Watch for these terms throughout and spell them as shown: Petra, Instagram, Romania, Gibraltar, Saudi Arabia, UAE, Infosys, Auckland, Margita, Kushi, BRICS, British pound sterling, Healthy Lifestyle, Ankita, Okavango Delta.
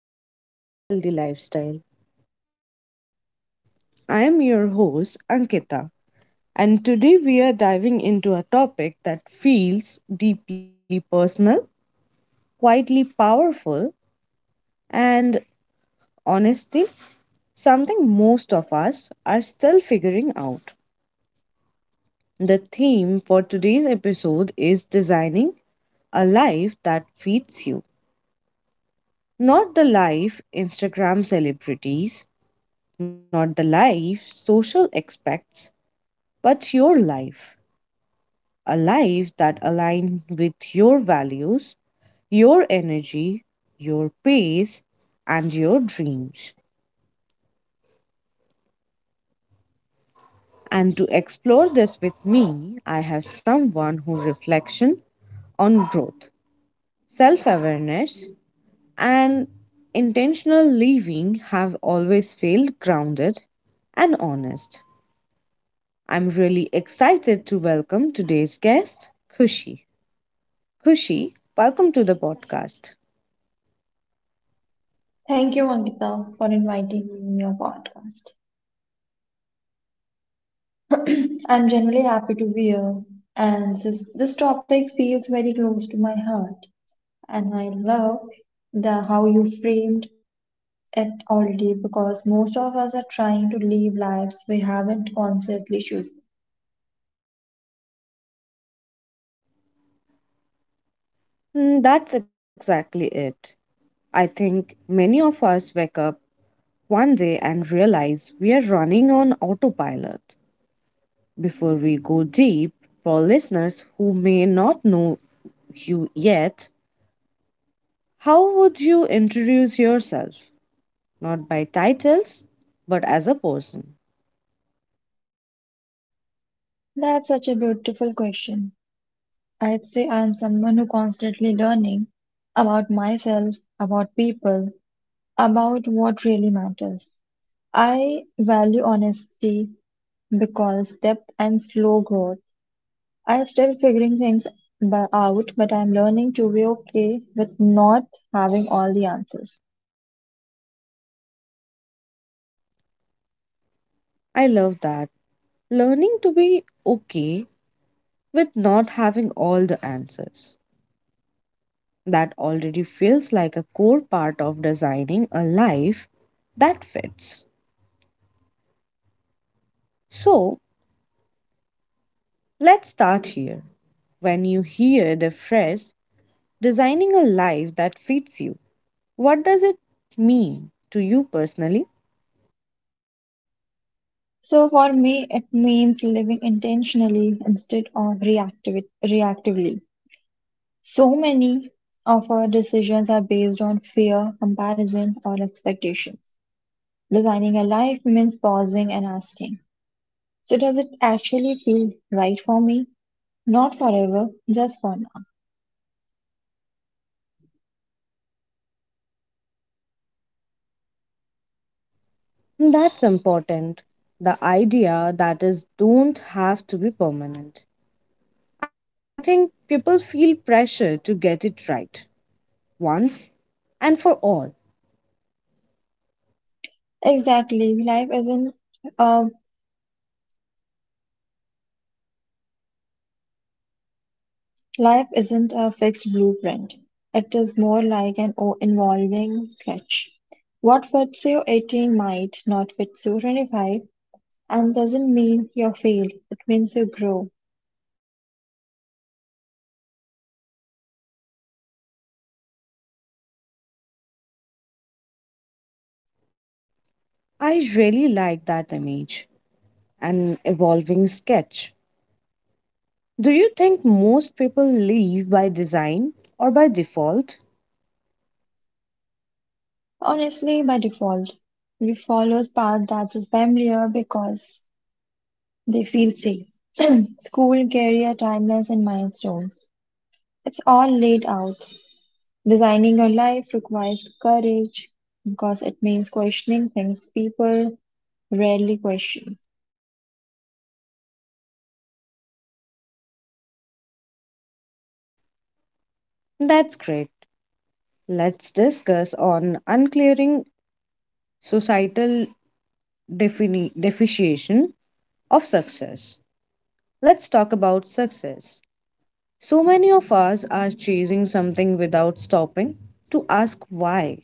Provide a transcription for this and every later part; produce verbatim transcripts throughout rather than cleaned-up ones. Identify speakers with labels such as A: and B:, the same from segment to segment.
A: welcome back to Healthy Lifestyle. I am your host Ankita, and today we are diving into a topic that feels deeply personal, quietly powerful, and honestly, something most of us are still figuring out. The theme for today's episode is designing a life that feeds you, not the life Instagram celebrities, not the life social expects, but your life a life that aligns with your values, your energy, your pace, and your dreams. And to explore this with me, I have someone who reflection on growth, self-awareness, and intentional living have always felt grounded and honest. I'm really excited to welcome today's guest, Kushi. Kushi, welcome to the podcast.
B: Thank you, Ankita, for inviting me in your podcast. I'm generally happy to be here, and this, this topic feels very close to my heart. And I love the how you framed it already because most of us are trying to live lives we haven't consciously chosen.
A: Mm, That's exactly it. I think many of us wake up one day and realize we are running on autopilot. Before we go deep, for listeners who may not know you yet, how would you introduce yourself? Not by titles, but as a person.
B: That's such a beautiful question. I'd say I'm someone who constantly learning about myself, about people, about what really matters. I value honesty because depth and slow growth. I'm still figuring things b- out, but I'm learning to be okay with not having all the answers.
A: I love that. Learning to be okay with not having all the answers. That already feels like a core part of designing a life that fits. So, Let's start here. When you hear the phrase designing a life that fits you, what does it mean to you personally?
B: So for me, it means living intentionally instead of reactiv- reactively. So many of our decisions are based on fear, comparison, or expectations. Designing a life means pausing and asking. So does it actually feel right for me? Not forever, just for now.
A: That's important. The idea that is don't have to be permanent. I think people feel pressure to get it right once and for all.
B: Exactly. Life isn't uh, life isn't a fixed blueprint. It is more like an o- evolving sketch. What fits you eighteen might not fit you twenty-five, and doesn't mean you're failed. It means you grow.
A: I really like that image. An evolving sketch. Do you think most people live by design or by default?
B: Honestly, by default, we follow paths that is familiar because they feel safe. School, career, timelines, and milestones. It's all laid out. Designing your life requires courage because it means questioning things people rarely question.
A: That's great. Let's discuss on unclearing societal defini- definition of success. Let's talk about success. So many of us are chasing something without stopping to ask why.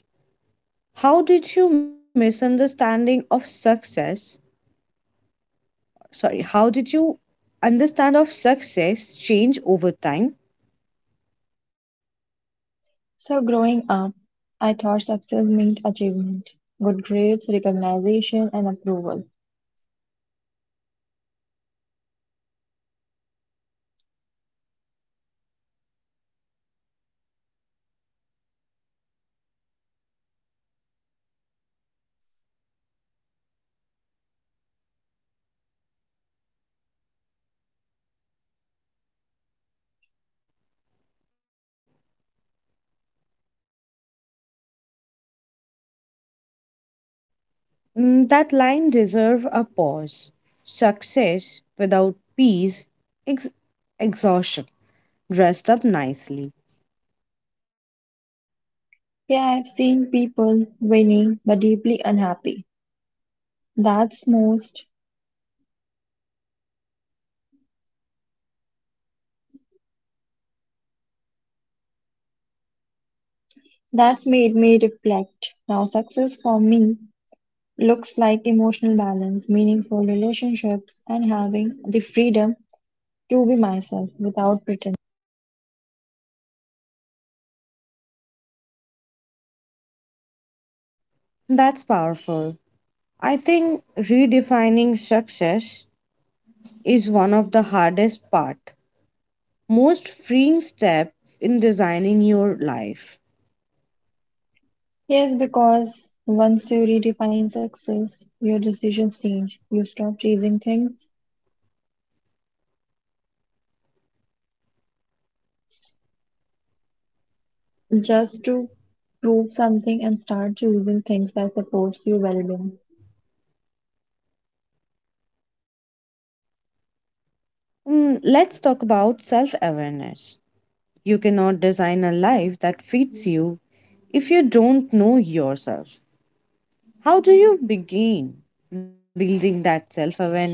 A: How did you misunderstanding of success? Sorry, how did you understand of success change over time?
B: So, growing up, I thought success meant achievement, good grades, recognition, and approval.
A: Mm, that line deserve a pause. Success without peace, ex- exhaustion. Dressed up nicely.
B: Yeah, I've seen people winning but deeply unhappy. That's most, that's made me reflect. Now, success for me looks like emotional balance, meaningful relationships, and having the freedom to be myself without pretending.
A: That's powerful. I think redefining success is one of the hardest part, most freeing step in designing your life.
B: Yes, because once you redefine success, your decisions change. You stop chasing things just to prove something and start choosing things that supports your well-being.
A: Mm, let's talk about self-awareness. You cannot design a life that fits you if you don't know yourself. How do you begin building that self-awareness?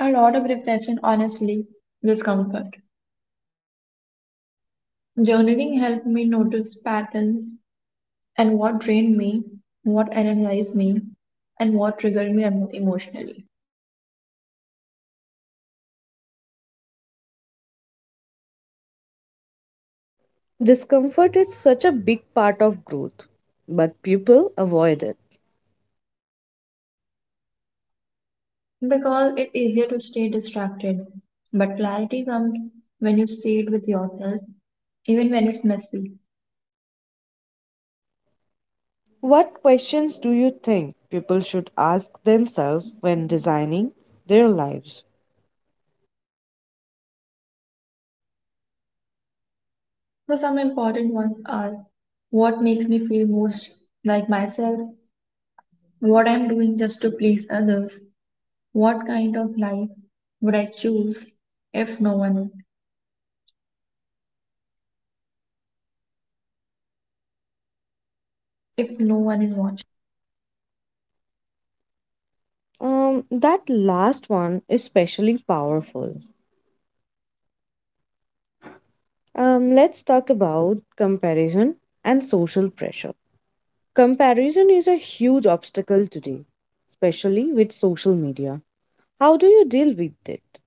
B: A lot of reflection, honestly, discomfort. Journaling helped me notice patterns and what drained me, what energized me, and what triggered me emo- emotionally.
A: Discomfort is such a big part of growth, but people avoid it.
B: Because it's easier to stay distracted, but clarity comes when you see it with yourself, even when it's messy.
A: What questions do you think people should ask themselves when designing their lives?
B: So some important ones are what makes me feel most like myself, what I'm doing just to please others, what kind of life would I choose if no one if no one is watching.
A: Um, that last one is especially powerful. Um, let's talk about comparison and social pressure. Comparison is a huge obstacle today, especially with social media. How do you deal with it?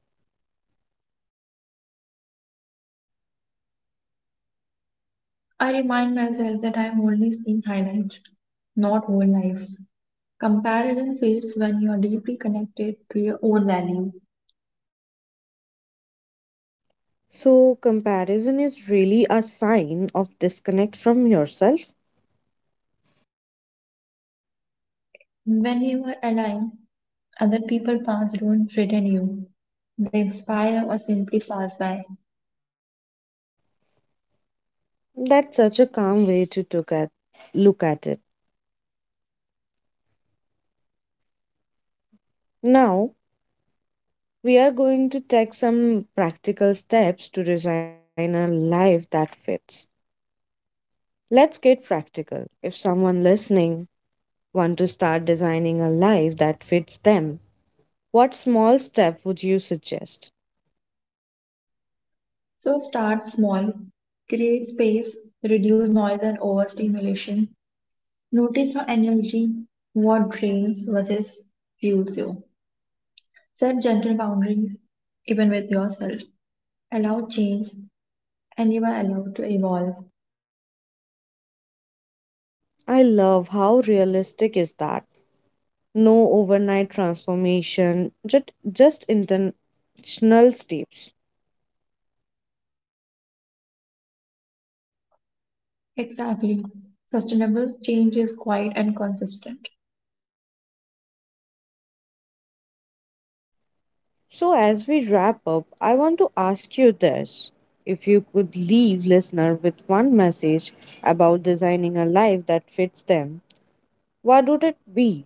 B: I remind myself that I'm only seeing highlights, not whole lives. Comparison fades when you are deeply connected to your own value.
A: So, comparison is really a sign of disconnect from yourself.
B: When you are aligned, other people's paths don't threaten you. They inspire or simply pass by.
A: That's such a calm way to look at, look at it. Now, We are going to take some practical steps to design a life that fits. Let's get practical. If someone listening want to start designing a life that fits them, what small step would you suggest?
B: So start small, create space, reduce noise and overstimulation. Notice your energy, what drains versus fuels you. Set gentle boundaries, even with yourself. Allow change, and you are allowed to evolve.
A: I love how realistic is that. No overnight transformation, just just intentional steps.
B: Exactly. Sustainable change is quiet and consistent.
A: So, as we wrap up, I want to ask you this. If you could leave listener with one message about designing a life that fits them, what would it be?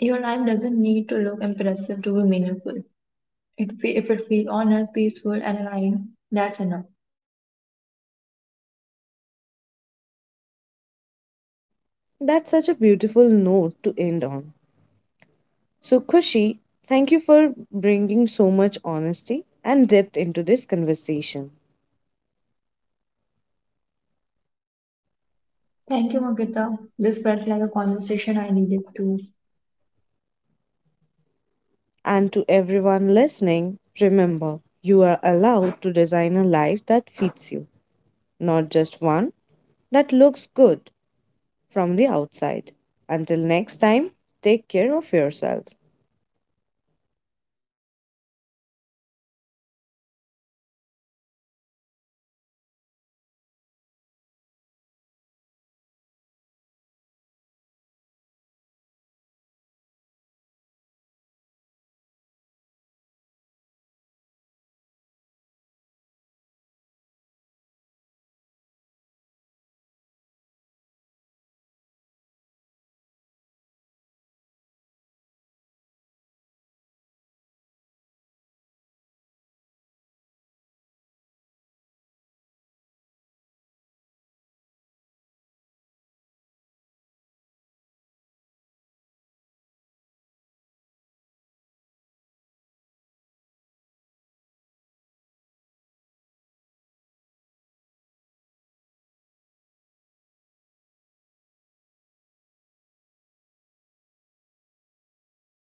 B: Your life doesn't need to look impressive to be meaningful. It fe- if it feels honest, peaceful, and aligned, that's enough.
A: That's such a beautiful note to end on. So, Kushi, thank you for bringing so much honesty and depth into this conversation.
B: Thank you, Margita. This felt like a conversation I needed to
A: And to everyone listening, remember, you are allowed to design a life that fits you, not just one that looks good from the outside. Until next time, take care of yourself.